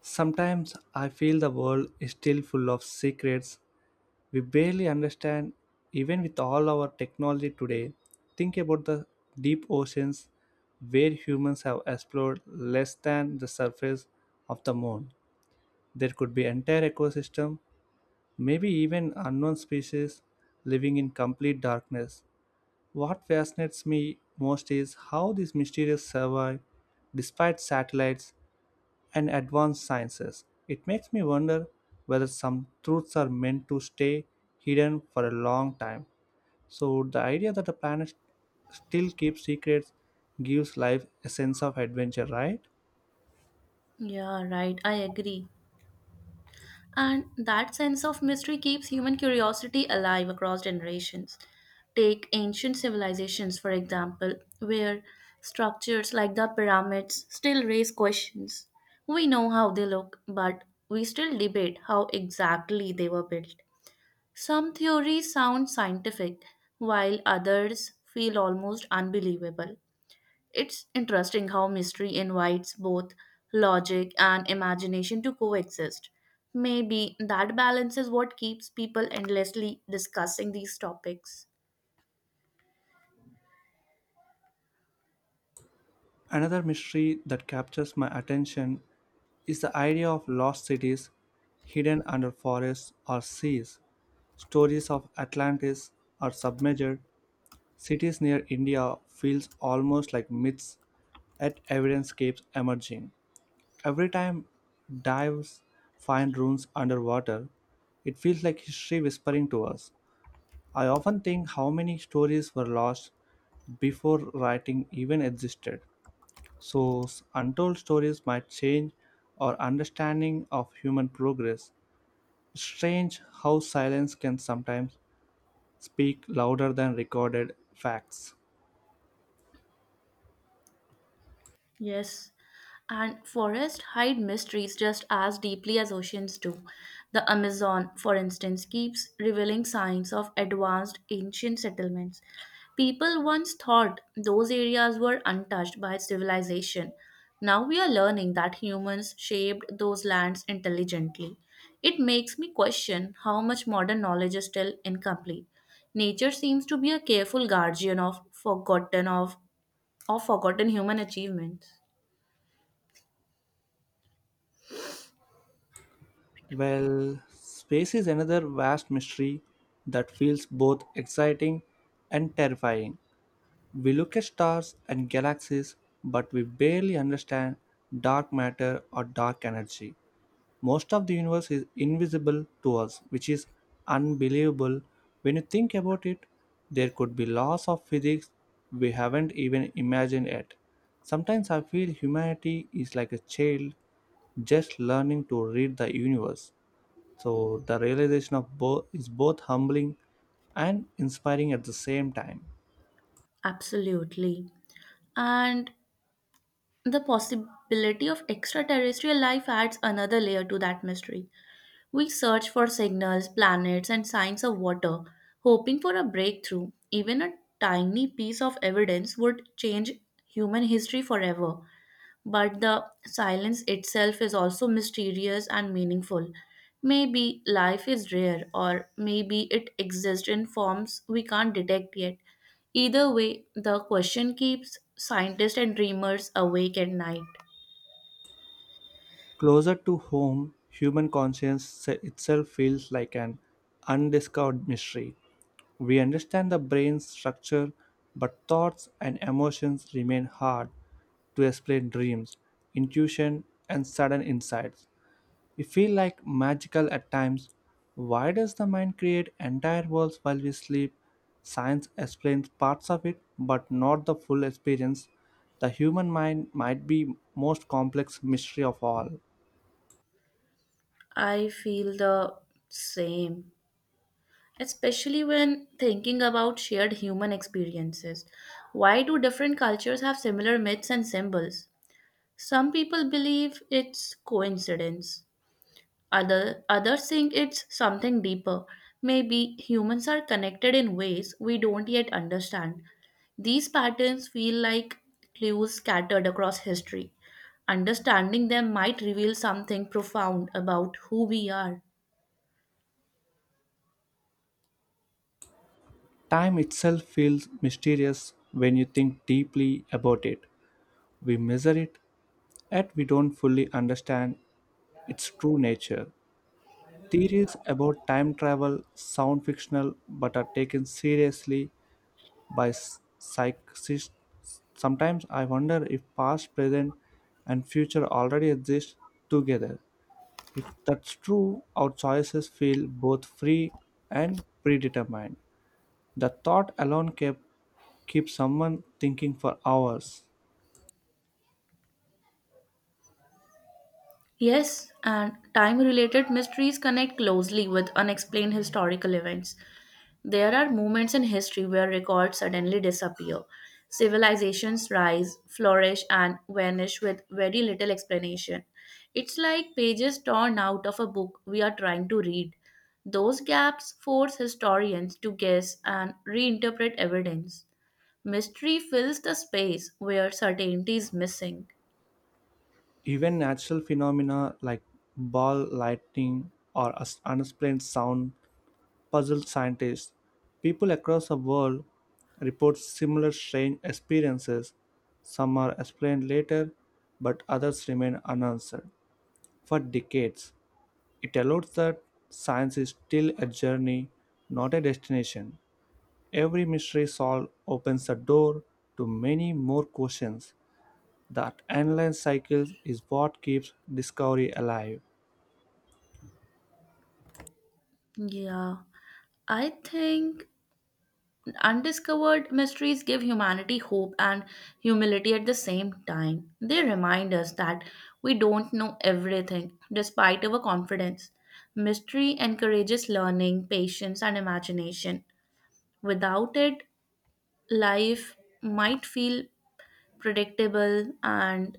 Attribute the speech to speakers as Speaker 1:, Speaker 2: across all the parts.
Speaker 1: Sometimes I feel the world is still full of secrets we barely understand, even with all our technology today. Think about the deep oceans where humans have explored less than the surface of the moon. There could be entire ecosystem, maybe even unknown species living in complete darkness. What fascinates me most is how these mysterious survive despite satellites and advanced sciences. It makes me wonder whether some truths are meant to stay hidden for a long time. So, the idea that the planet still keeps secrets gives life a sense of adventure, right?
Speaker 2: Yeah, right. I agree. And that sense of mystery keeps human curiosity alive across generations. Take ancient civilizations, for example, where structures like the pyramids still raise questions. We know how they look, but we still debate how exactly they were built. Some theories sound scientific, while others feel almost unbelievable. It's interesting how mystery invites both logic and imagination to coexist. Maybe that balance is what keeps people endlessly discussing these topics.
Speaker 1: Another mystery that captures my attention is the idea of lost cities hidden under forests or seas. Stories of Atlantis or submerged cities near India feels almost like myths, yet evidence keeps emerging. Every time dives find ruins underwater, it feels like history whispering to us. I often think how many stories were lost before writing even existed. Untold stories might change our understanding of human progress. Strange how silence can sometimes speak louder than recorded facts.
Speaker 2: Yes, and forests hide mysteries just as deeply as oceans do. The Amazon, for instance, keeps revealing signs of advanced ancient settlements. People once thought those areas were untouched by civilization. Now we are learning that humans shaped those lands intelligently. It makes me question how much modern knowledge is still incomplete. Nature seems to be a careful guardian of of forgotten human achievements.
Speaker 1: Well, space is another vast mystery that feels both exciting and terrifying. We look at stars and galaxies, but we barely understand dark matter or dark energy. Most of the universe is invisible to us, which is unbelievable. When you think about it, there could be laws of physics we haven't even imagined yet. Sometimes I feel humanity is like a child just learning to read the universe. So the realization of both is both humbling and inspiring at the same time.
Speaker 2: Absolutely. And the possibility of extraterrestrial life adds another layer to that mystery. We search for signals, planets, and signs of water, hoping for a breakthrough. Even a tiny piece of evidence would change human history forever, but the silence itself is also mysterious and meaningful. Maybe life is rare, or maybe it exists in forms we can't detect yet. Either way, the question keeps scientists and dreamers awake at night.
Speaker 1: Closer to home, human conscience itself feels like an undiscovered mystery. We understand the brain's structure, but thoughts and emotions remain hard to explain dreams, intuition, and sudden insights. We feel like magical at times. Why does the mind create entire worlds while we sleep? Science explains parts of it, but not the full experience. The human mind might be most complex mystery of all.
Speaker 2: I feel the same, especially when thinking about shared human experiences. Why do different cultures have similar myths and symbols? Some people believe it's coincidence, others think it's something deeper. Maybe humans are connected in ways we don't yet understand. These patterns feel like clues scattered across history. Understanding them might reveal something profound about who we are.
Speaker 1: Time itself feels mysterious when you think deeply about it. We measure it, yet we don't fully understand its true nature. Theories about time travel sound fictional but are taken seriously by psychists. Sometimes I wonder if past, present, and future already exist together. If that's true, our choices feel both free and predetermined. The thought alone kept keep someone thinking for hours.
Speaker 2: Yes, and time related mysteries connect closely with unexplained historical events. There are moments in history where records suddenly disappear. Civilizations rise, flourish, and vanish with very little explanation. It's like pages torn out of a book we are trying to read. Those gaps force historians to guess and reinterpret evidence. Mystery fills the space where certainty is missing.
Speaker 1: Even natural phenomena like ball lightning or unexplained sound puzzle scientists. People across the world report similar strange experiences. Some are explained later, but others remain unanswered for decades. It allows that science is still a journey, not a destination. Every mystery solved opens the door to many more questions. That endless cycle is what keeps discovery alive.
Speaker 2: Yeah, I think undiscovered mysteries give humanity hope and humility at the same time. They remind us that we don't know everything, despite our confidence. Mystery encourages learning, patience, and imagination. Without it, life might feel predictable and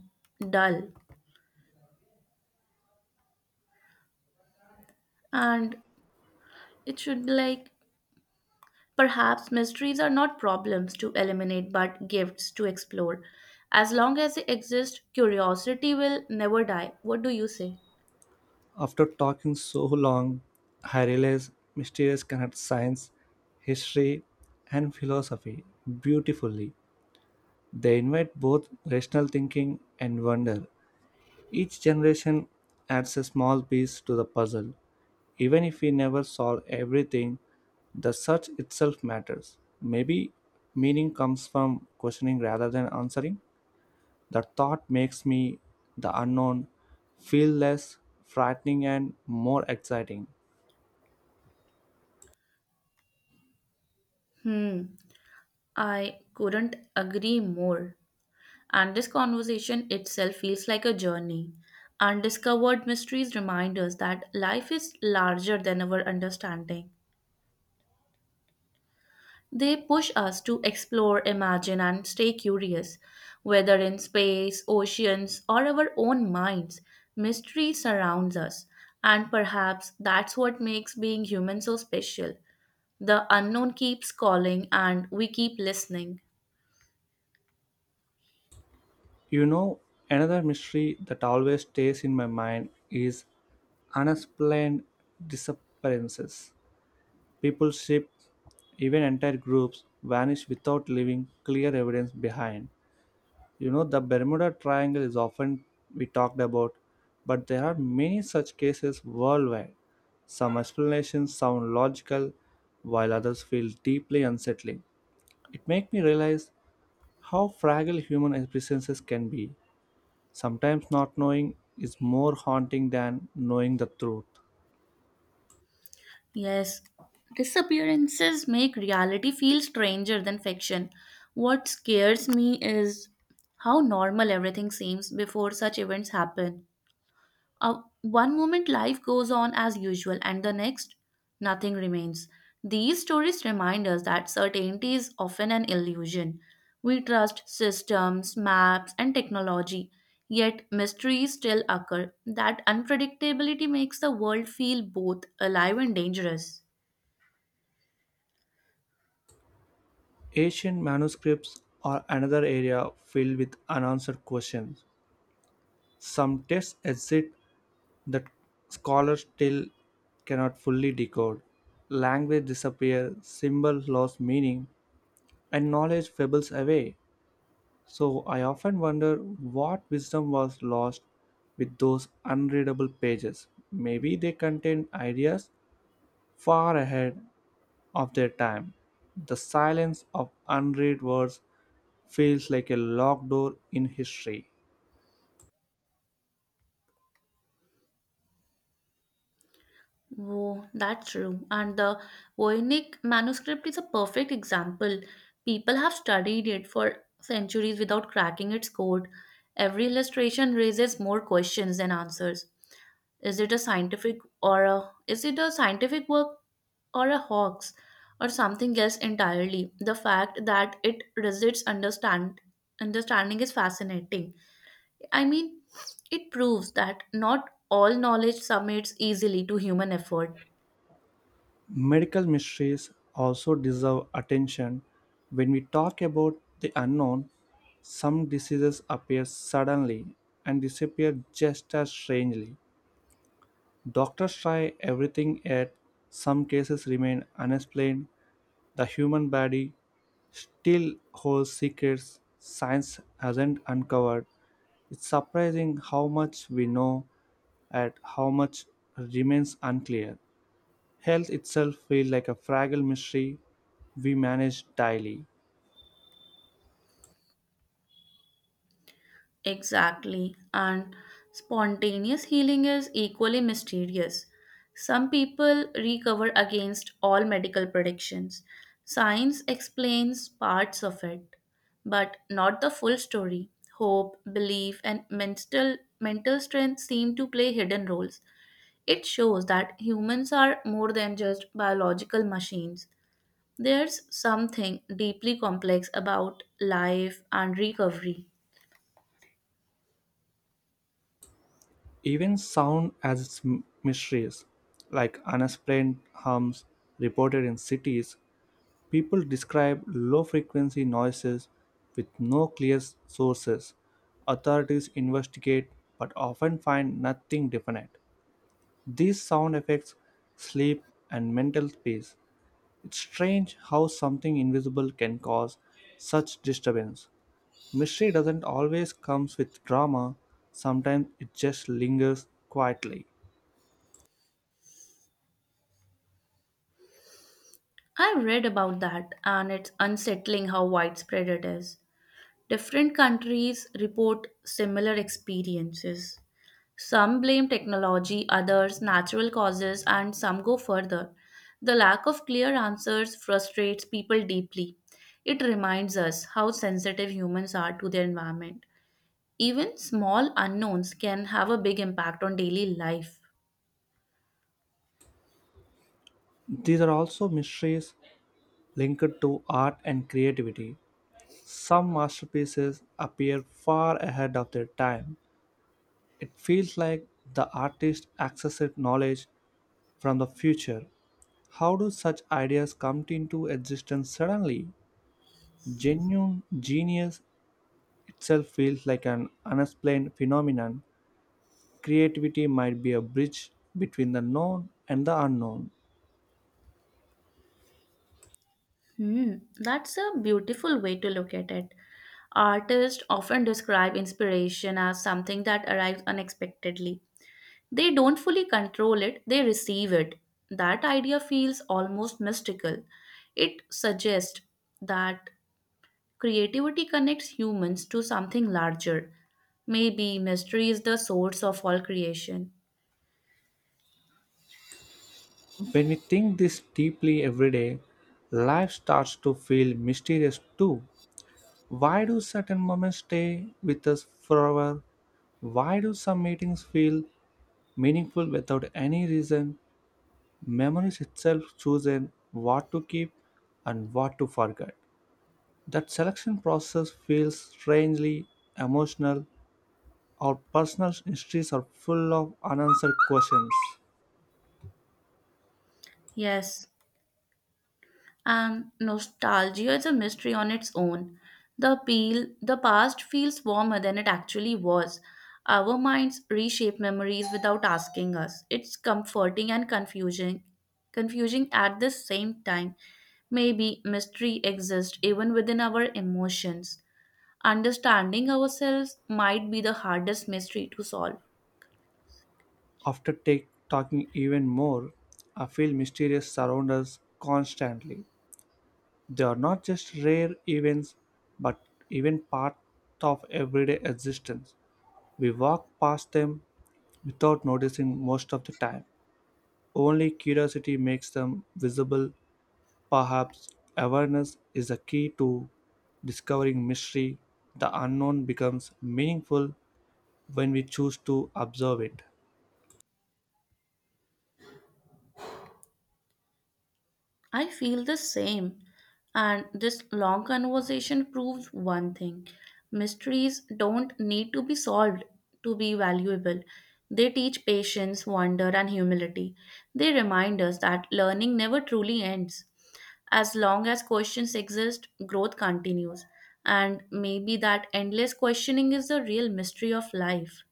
Speaker 2: dull. And it should be like, perhaps mysteries are not problems to eliminate but gifts to explore. As long as they exist, curiosity will never die. What do you say?
Speaker 1: After talking so long, I realize mysterious connect science, history, and philosophy beautifully. They invite both rational thinking and wonder. Each generation adds a small piece to the puzzle. Even if we never solve everything, the search itself matters. Maybe meaning comes from questioning rather than answering. The thought makes me, the unknown, feel less frightening and more exciting.
Speaker 2: Hmm, I couldn't agree more. And this conversation itself feels like a journey. Undiscovered mysteries remind us that life is larger than our understanding. They push us to explore, imagine, and stay curious. Whether in space, oceans, or our own minds, mystery surrounds us. And perhaps that's what makes being human so special. The unknown keeps calling, and we keep listening.
Speaker 1: You know, another mystery that always stays in my mind is unexplained disappearances. People, ship, even entire groups vanish without leaving clear evidence behind. You know, the Bermuda Triangle is often we talked about, but there are many such cases worldwide. Some explanations sound logical, while others feel deeply unsettling. It makes me realize how fragile human existences can be. Sometimes not knowing is more haunting than knowing the truth.
Speaker 2: Yes, disappearances make reality feel stranger than fiction. What scares me is how normal everything seems before such events happen. Uh, One moment life goes on as usual, and the next, nothing remains. These stories remind us that certainty is often an illusion. We trust systems, maps, and technology, yet mysteries still occur. That unpredictability makes the world feel both alive and dangerous.
Speaker 1: Ancient manuscripts are another area filled with unanswered questions. Some texts exist that scholars still cannot fully decode. Language disappears, symbols lose meaning, and knowledge fables away. So I often wonder what wisdom was lost with those unreadable pages. Maybe they contained ideas far ahead of their time. The silence of unread words feels like a locked door in history.
Speaker 2: Oh, that's true. And the Voynich manuscript is a perfect example. People have studied it for centuries without cracking its code. Every illustration raises more questions than answers. Is it a scientific work or a hoax or something else entirely? The fact that it resists understanding is fascinating. I mean, it proves that not all knowledge submits easily to human effort.
Speaker 1: Medical mysteries also deserve attention. When we talk about the unknown, some diseases appear suddenly and disappear just as strangely. Doctors try everything, yet some cases remain unexplained. The human body still holds secrets science hasn't uncovered. It's surprising how much we know and how much remains unclear. Health itself feels like a fragile mystery we manage daily.
Speaker 2: Exactly. And spontaneous healing is equally mysterious. Some people recover against all medical predictions. Science explains parts of it, but not the full story. Hope, belief, and mental strength seem to play hidden roles. It shows that humans are more than just biological machines. There's something deeply complex about life and recovery.
Speaker 1: Even sound has its mysteries, like unexplained hums reported in cities. People describe low frequency noises with no clear sources. Authorities investigate but often find nothing definite. These sound effects sleep and mental space. It's strange how something invisible can cause such disturbance. Mystery doesn't always comes with drama, sometimes it just lingers quietly.
Speaker 2: I read about that, and it's unsettling how widespread it is. Different countries report similar experiences. Some blame technology, others natural causes, and some go further. The lack of clear answers frustrates people deeply. It reminds us how sensitive humans are to their environment. Even small unknowns can have a big impact on daily life.
Speaker 1: These are also mysteries linked to art and creativity. Some masterpieces appear far ahead of their time. It feels like the artist accessed knowledge from the future. How do such ideas come into existence suddenly? Genuine genius itself feels like an unexplained phenomenon. Creativity might be a bridge between the known and the unknown.
Speaker 2: Hmm, that's a beautiful way to look at it. Artists often describe inspiration as something that arrives unexpectedly. They don't fully control it, they receive it. That idea feels almost mystical. It suggests that creativity connects humans to something larger. Maybe mystery is the source of all creation.
Speaker 1: When we think this deeply every day, life starts to feel mysterious too. Why do certain moments stay with us forever? Why do some meetings feel meaningful without any reason? Memories itself chooses what to keep and what to forget. That selection process feels strangely emotional. Our personal histories are full of unanswered questions.
Speaker 2: Yes. And nostalgia is a mystery on its own. The appeal, the past feels warmer than it actually was. Our minds reshape memories without asking us. It's comforting and confusing at the same time. Maybe mystery exists even within our emotions. Understanding ourselves might be the hardest mystery to solve.
Speaker 1: After talking even more, I feel mysterious surround us constantly. They are not just rare events, but even part of everyday existence. We walk past them without noticing most of the time. Only curiosity makes them visible. Perhaps awareness is the key to discovering mystery. The unknown becomes meaningful when we choose to observe it.
Speaker 2: I feel the same. And this long conversation proves one thing: mysteries don't need to be solved to be valuable. They teach patience, wonder, and humility. They remind us that learning never truly ends. As long as questions exist, growth continues. And maybe that endless questioning is the real mystery of life.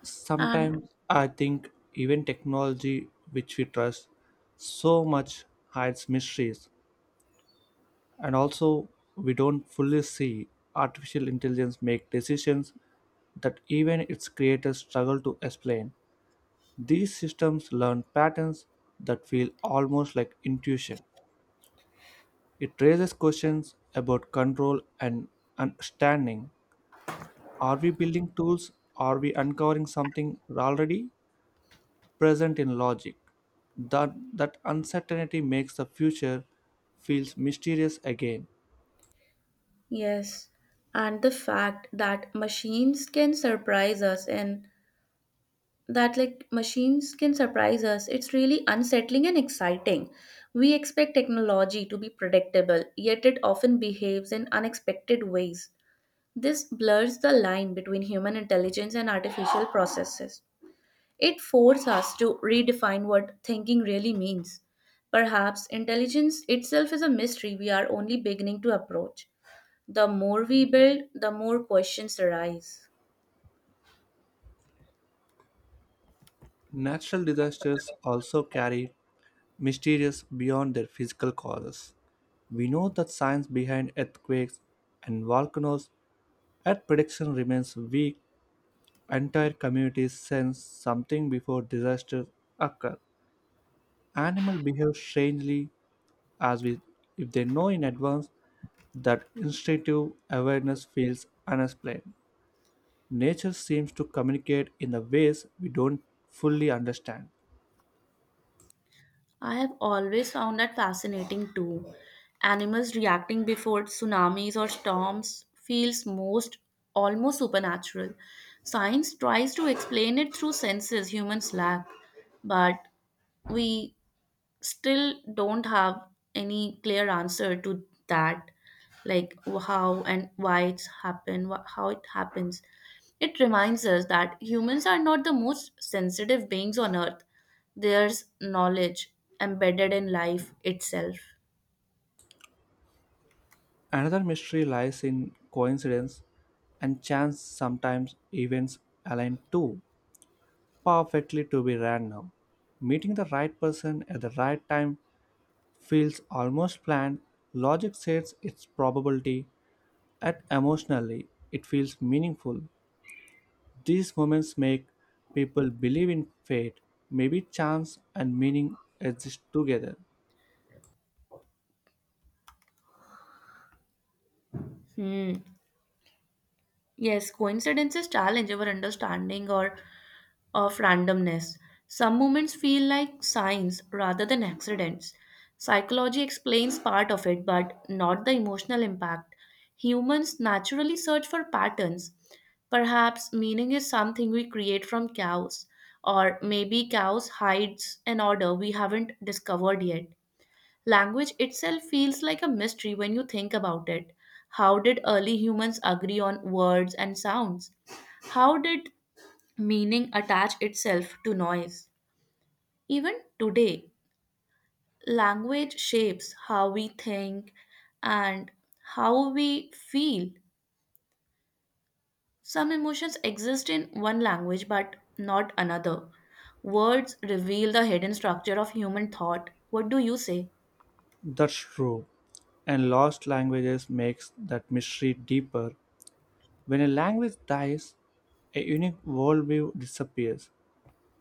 Speaker 1: Sometimes
Speaker 2: And
Speaker 1: I think even technology which we trust so much hides mysteries, and also we don't fully see artificial intelligence make decisions that even its creators struggle to explain. These systems learn patterns that feel almost like intuition. It raises questions about control and understanding. Are we building tools? Are we uncovering something already present in logic? That uncertainty makes the future feels mysterious again.
Speaker 2: yes, and the fact that machines can surprise us, it's really unsettling and exciting. We expect technology to be predictable, yet it often behaves in unexpected ways. This blurs the line between human intelligence and artificial processes. It forces us to redefine what thinking really means. Perhaps intelligence itself is a mystery we are only beginning to approach. The more we build, the more questions arise.
Speaker 1: Natural disasters also carry mysterious beyond their physical causes. We know that science behind earthquakes and volcanoes, Earth prediction remains weak. Entire communities sense something before disasters occur. Animals behave strangely as we, if they know in advance, that instinctive awareness feels unexplained. Nature seems to communicate in the ways we don't fully understand.
Speaker 2: I have always found that fascinating too. Animals reacting before tsunamis or storms feels most almost supernatural. Science tries to explain it through senses humans lack, but we still don't have any clear answer to that, like how and why how it happens. It reminds us that humans are not the most sensitive beings on earth. There's knowledge embedded in life itself.
Speaker 1: Another mystery lies in coincidence and chance, sometimes events align too perfectly to be random. Meeting the right person at the right time feels almost planned. Logic sets its probability and emotionally it feels meaningful. These moments make people believe in fate. Maybe chance and meaning exist together.
Speaker 2: Hmm. Yes, coincidences challenge our understanding or of randomness. Some moments feel like signs rather than accidents. Psychology explains part of it, but not the emotional impact. Humans naturally search for patterns. Perhaps meaning is something we create from chaos, or maybe chaos hides an order we haven't discovered yet. Language itself feels like a mystery when you think about it. How did early humans agree on words and sounds? How did meaning attach itself to noise? Even today, language shapes how we think and how we feel. Some emotions exist in one language but not another. Words reveal the hidden structure of human thought. What do you say?
Speaker 1: That's true. And lost languages makes that mystery deeper. When a language dies, a unique worldview disappears.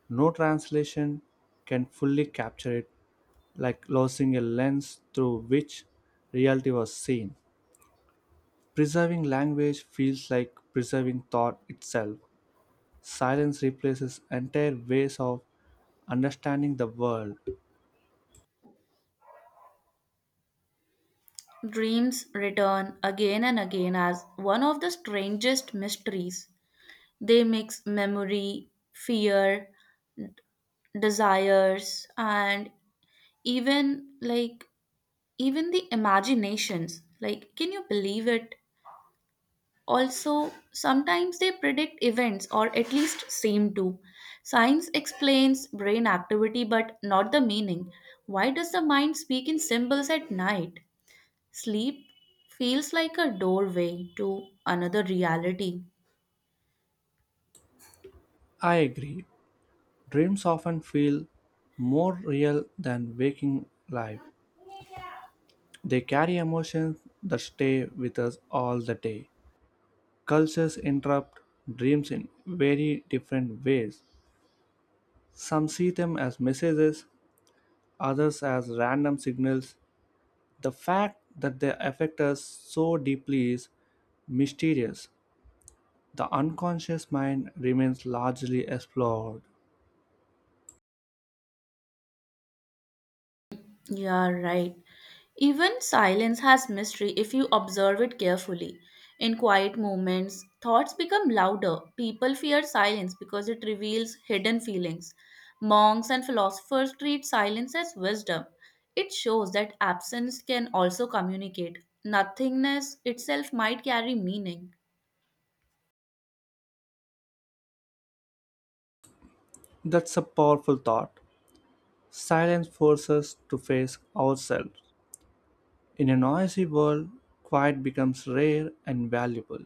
Speaker 1: No translation can fully capture it, like losing a lens through which reality was seen. Preserving language feels like preserving thought itself. Silence replaces entire ways of understanding the world.
Speaker 2: Dreams return again and again as one of the strangest mysteries. They mix memory, fear, desires, and even like even the imaginations, like, can you believe it? Also sometimes they predict events, or at least seem to. Science explains brain activity but not the meaning. Why does the mind speak in symbols at night? Sleep feels like a doorway to another reality.
Speaker 1: I agree. Dreams often feel more real than waking life. They carry emotions that stay with us all the day. Cultures interrupt dreams in very different ways. Some see them as messages, others as random signals. The fact that they affect us so deeply is mysterious. The unconscious mind remains largely explored.
Speaker 2: Yeah, right. Even silence has mystery if you observe it carefully. In quiet moments, thoughts become louder. People fear silence because it reveals hidden feelings. Monks and philosophers treat silence as wisdom. It shows that absence can also communicate. Nothingness itself might carry meaning.
Speaker 1: That's a powerful thought. Silence forces us to face ourselves. In a noisy world, quiet becomes rare and valuable.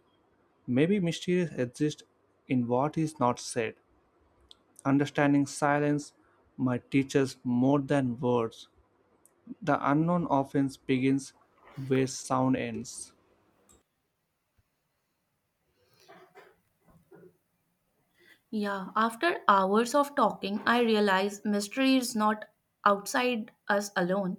Speaker 1: Maybe mysterious exists in what is not said. Understanding silence might teach us more than words. The unknown often begins where sound ends.
Speaker 2: Yeah, after hours of talking, I realize mystery is not outside us alone.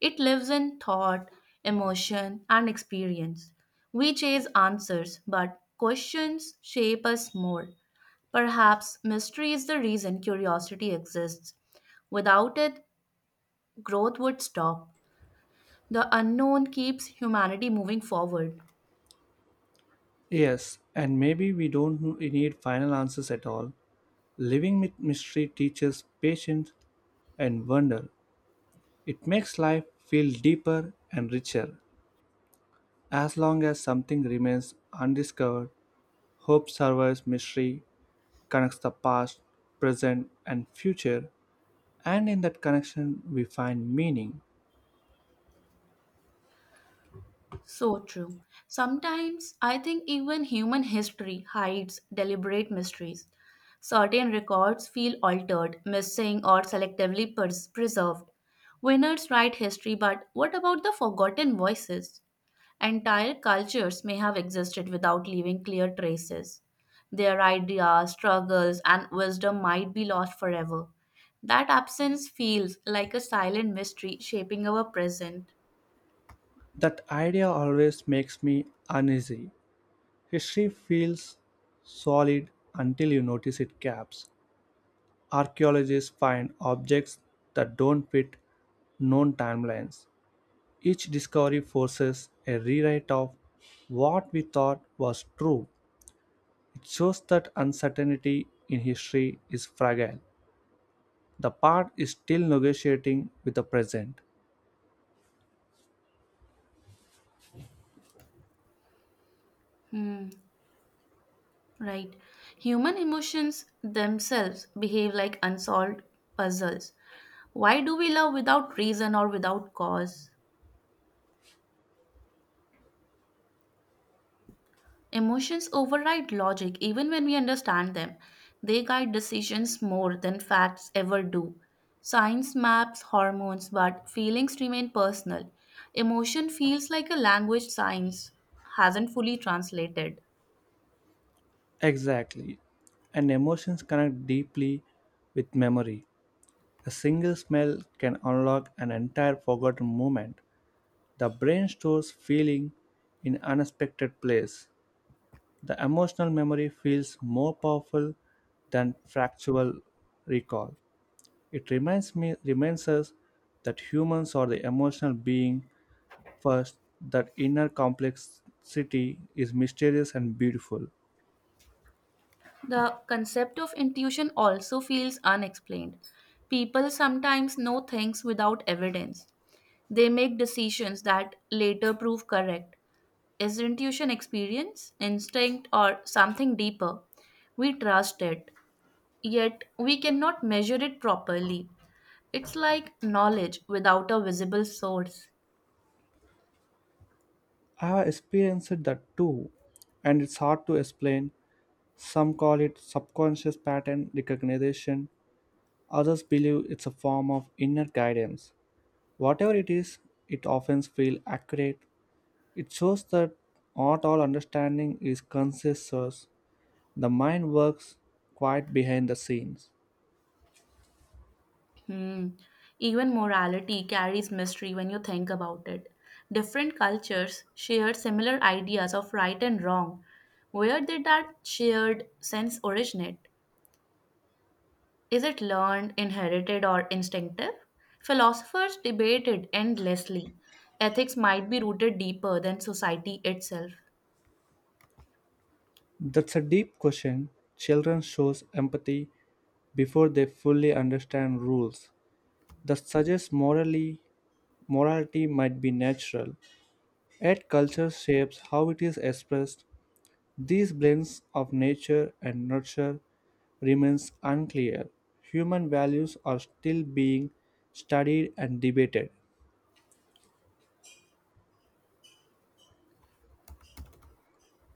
Speaker 2: It lives in thought, emotion, and experience. We chase answers, but questions shape us more. Perhaps mystery is the reason curiosity exists. Without it, growth would stop. The unknown keeps humanity moving forward.
Speaker 1: Yes, and maybe we don't need final answers at all. Living with mystery teaches patience and wonder. It makes life feel deeper and richer. As long as something remains undiscovered, hope survives. Mystery connects the past, present, and future, and in that connection we find meaning.
Speaker 2: So true. Sometimes I think even human history hides deliberate mysteries. Certain records feel altered, missing, or preserved. Winners write history, but what about the forgotten voices? Entire cultures may have existed without leaving clear traces. Their ideas, struggles, and wisdom might be lost forever. That absence feels like a silent mystery shaping our present.
Speaker 1: That idea always makes me uneasy. History feels solid until you notice its gaps. Archaeologists find objects that don't fit known timelines. Each discovery forces a rewrite of what we thought was true. It shows that uncertainty in history is fragile. The past is still negotiating with the present.
Speaker 2: Right. Human emotions themselves behave like unsolved puzzles. Why do we love without reason or without cause? Emotions override logic even when we understand them. They guide decisions more than facts ever do. Science maps hormones, but feelings remain personal. Emotion feels like a language science hasn't fully translated.
Speaker 1: Exactly. And emotions connect deeply with memory. A single smell can unlock an entire forgotten moment. The brain stores feeling in unexpected place. The emotional memory feels more powerful than factual recall. It reminds us that humans are the emotional being first, that inner complexity is mysterious and beautiful.
Speaker 2: The concept of intuition also feels unexplained. People sometimes know things without evidence. They make decisions that later prove correct. Is intuition experience, instinct, or something deeper? We trust it, yet we cannot measure it properly. It's like knowledge without a visible source.
Speaker 1: I have experienced that too, and it's hard to explain. Some call it subconscious pattern recognition, others believe it's a form of inner guidance. Whatever it is, it often feels accurate. It shows that not all understanding is conscious, the mind works quite behind the scenes.
Speaker 2: Hmm. Even morality carries mystery when you think about it. Different cultures share similar ideas of right and wrong. Where did that shared sense originate? Is it learned, inherited, or instinctive? Philosophers debated endlessly. Ethics might be rooted deeper than society itself.
Speaker 1: That's a deep question. Children shows empathy before they fully understand rules. That suggests morality might be natural, yet culture shapes how it is expressed. These blends of nature and nurture remains unclear. Human values are still being studied and debated.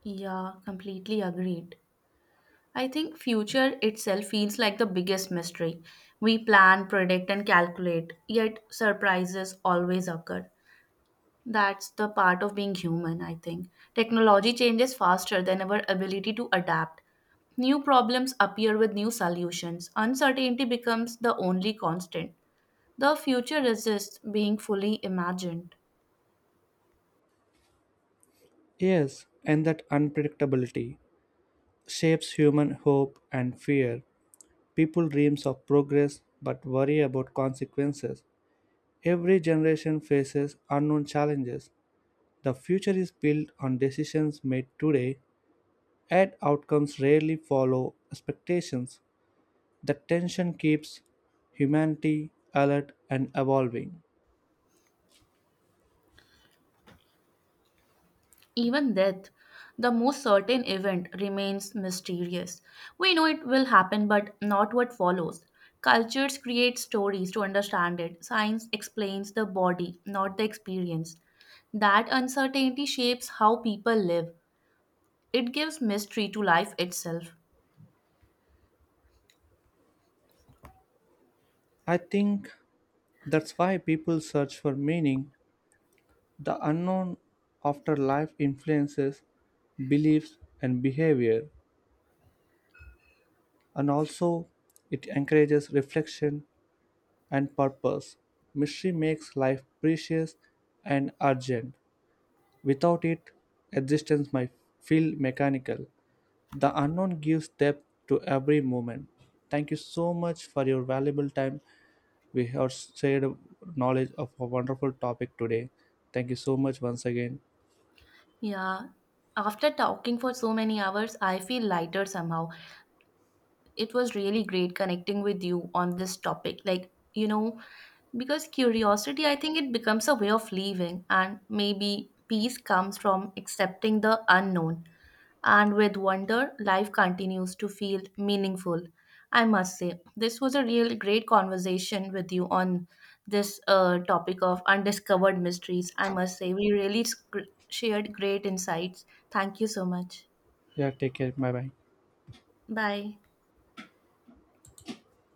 Speaker 2: Yeah, completely agreed. I think future itself feels like the biggest mystery. We plan, predict, and calculate, yet surprises always occur. That's the part of being human, I think. Technology changes faster than our ability to adapt. New problems appear with new solutions. Uncertainty becomes the only constant. The future resists being fully imagined.
Speaker 1: Yes, and that unpredictability shapes human hope and fear. People dreams of progress but worry about consequences. Every generation faces unknown challenges. The future is built on decisions made today, and outcomes rarely follow expectations. The tension keeps humanity alert and evolving.
Speaker 2: Even death, the most certain event, remains mysterious. We know it will happen, but not what follows. Cultures create stories to understand it. Science explains the body, not the experience. That uncertainty shapes how people live. It gives mystery to life itself.
Speaker 1: I think that's why people search for meaning. The unknown after life influences beliefs and behavior, and also it encourages reflection and purpose. Mystery makes life precious and urgent. Without it, existence might feel mechanical. The unknown gives depth to every moment. Thank you so much for your valuable time. We have shared knowledge of a wonderful topic today. Thank you so much once again.
Speaker 2: Yeah. After talking for so many hours, I feel lighter somehow. It was really great connecting with you on this topic. Like, you know, because curiosity, I think, it becomes a way of living, and maybe peace comes from accepting the unknown. And with wonder, life continues to feel meaningful. I must say, this was a really great conversation with you on this topic of undiscovered mysteries. I must say, we really shared great insights. Thank you so much.
Speaker 1: Yeah, take care. Bye bye.
Speaker 2: Bye.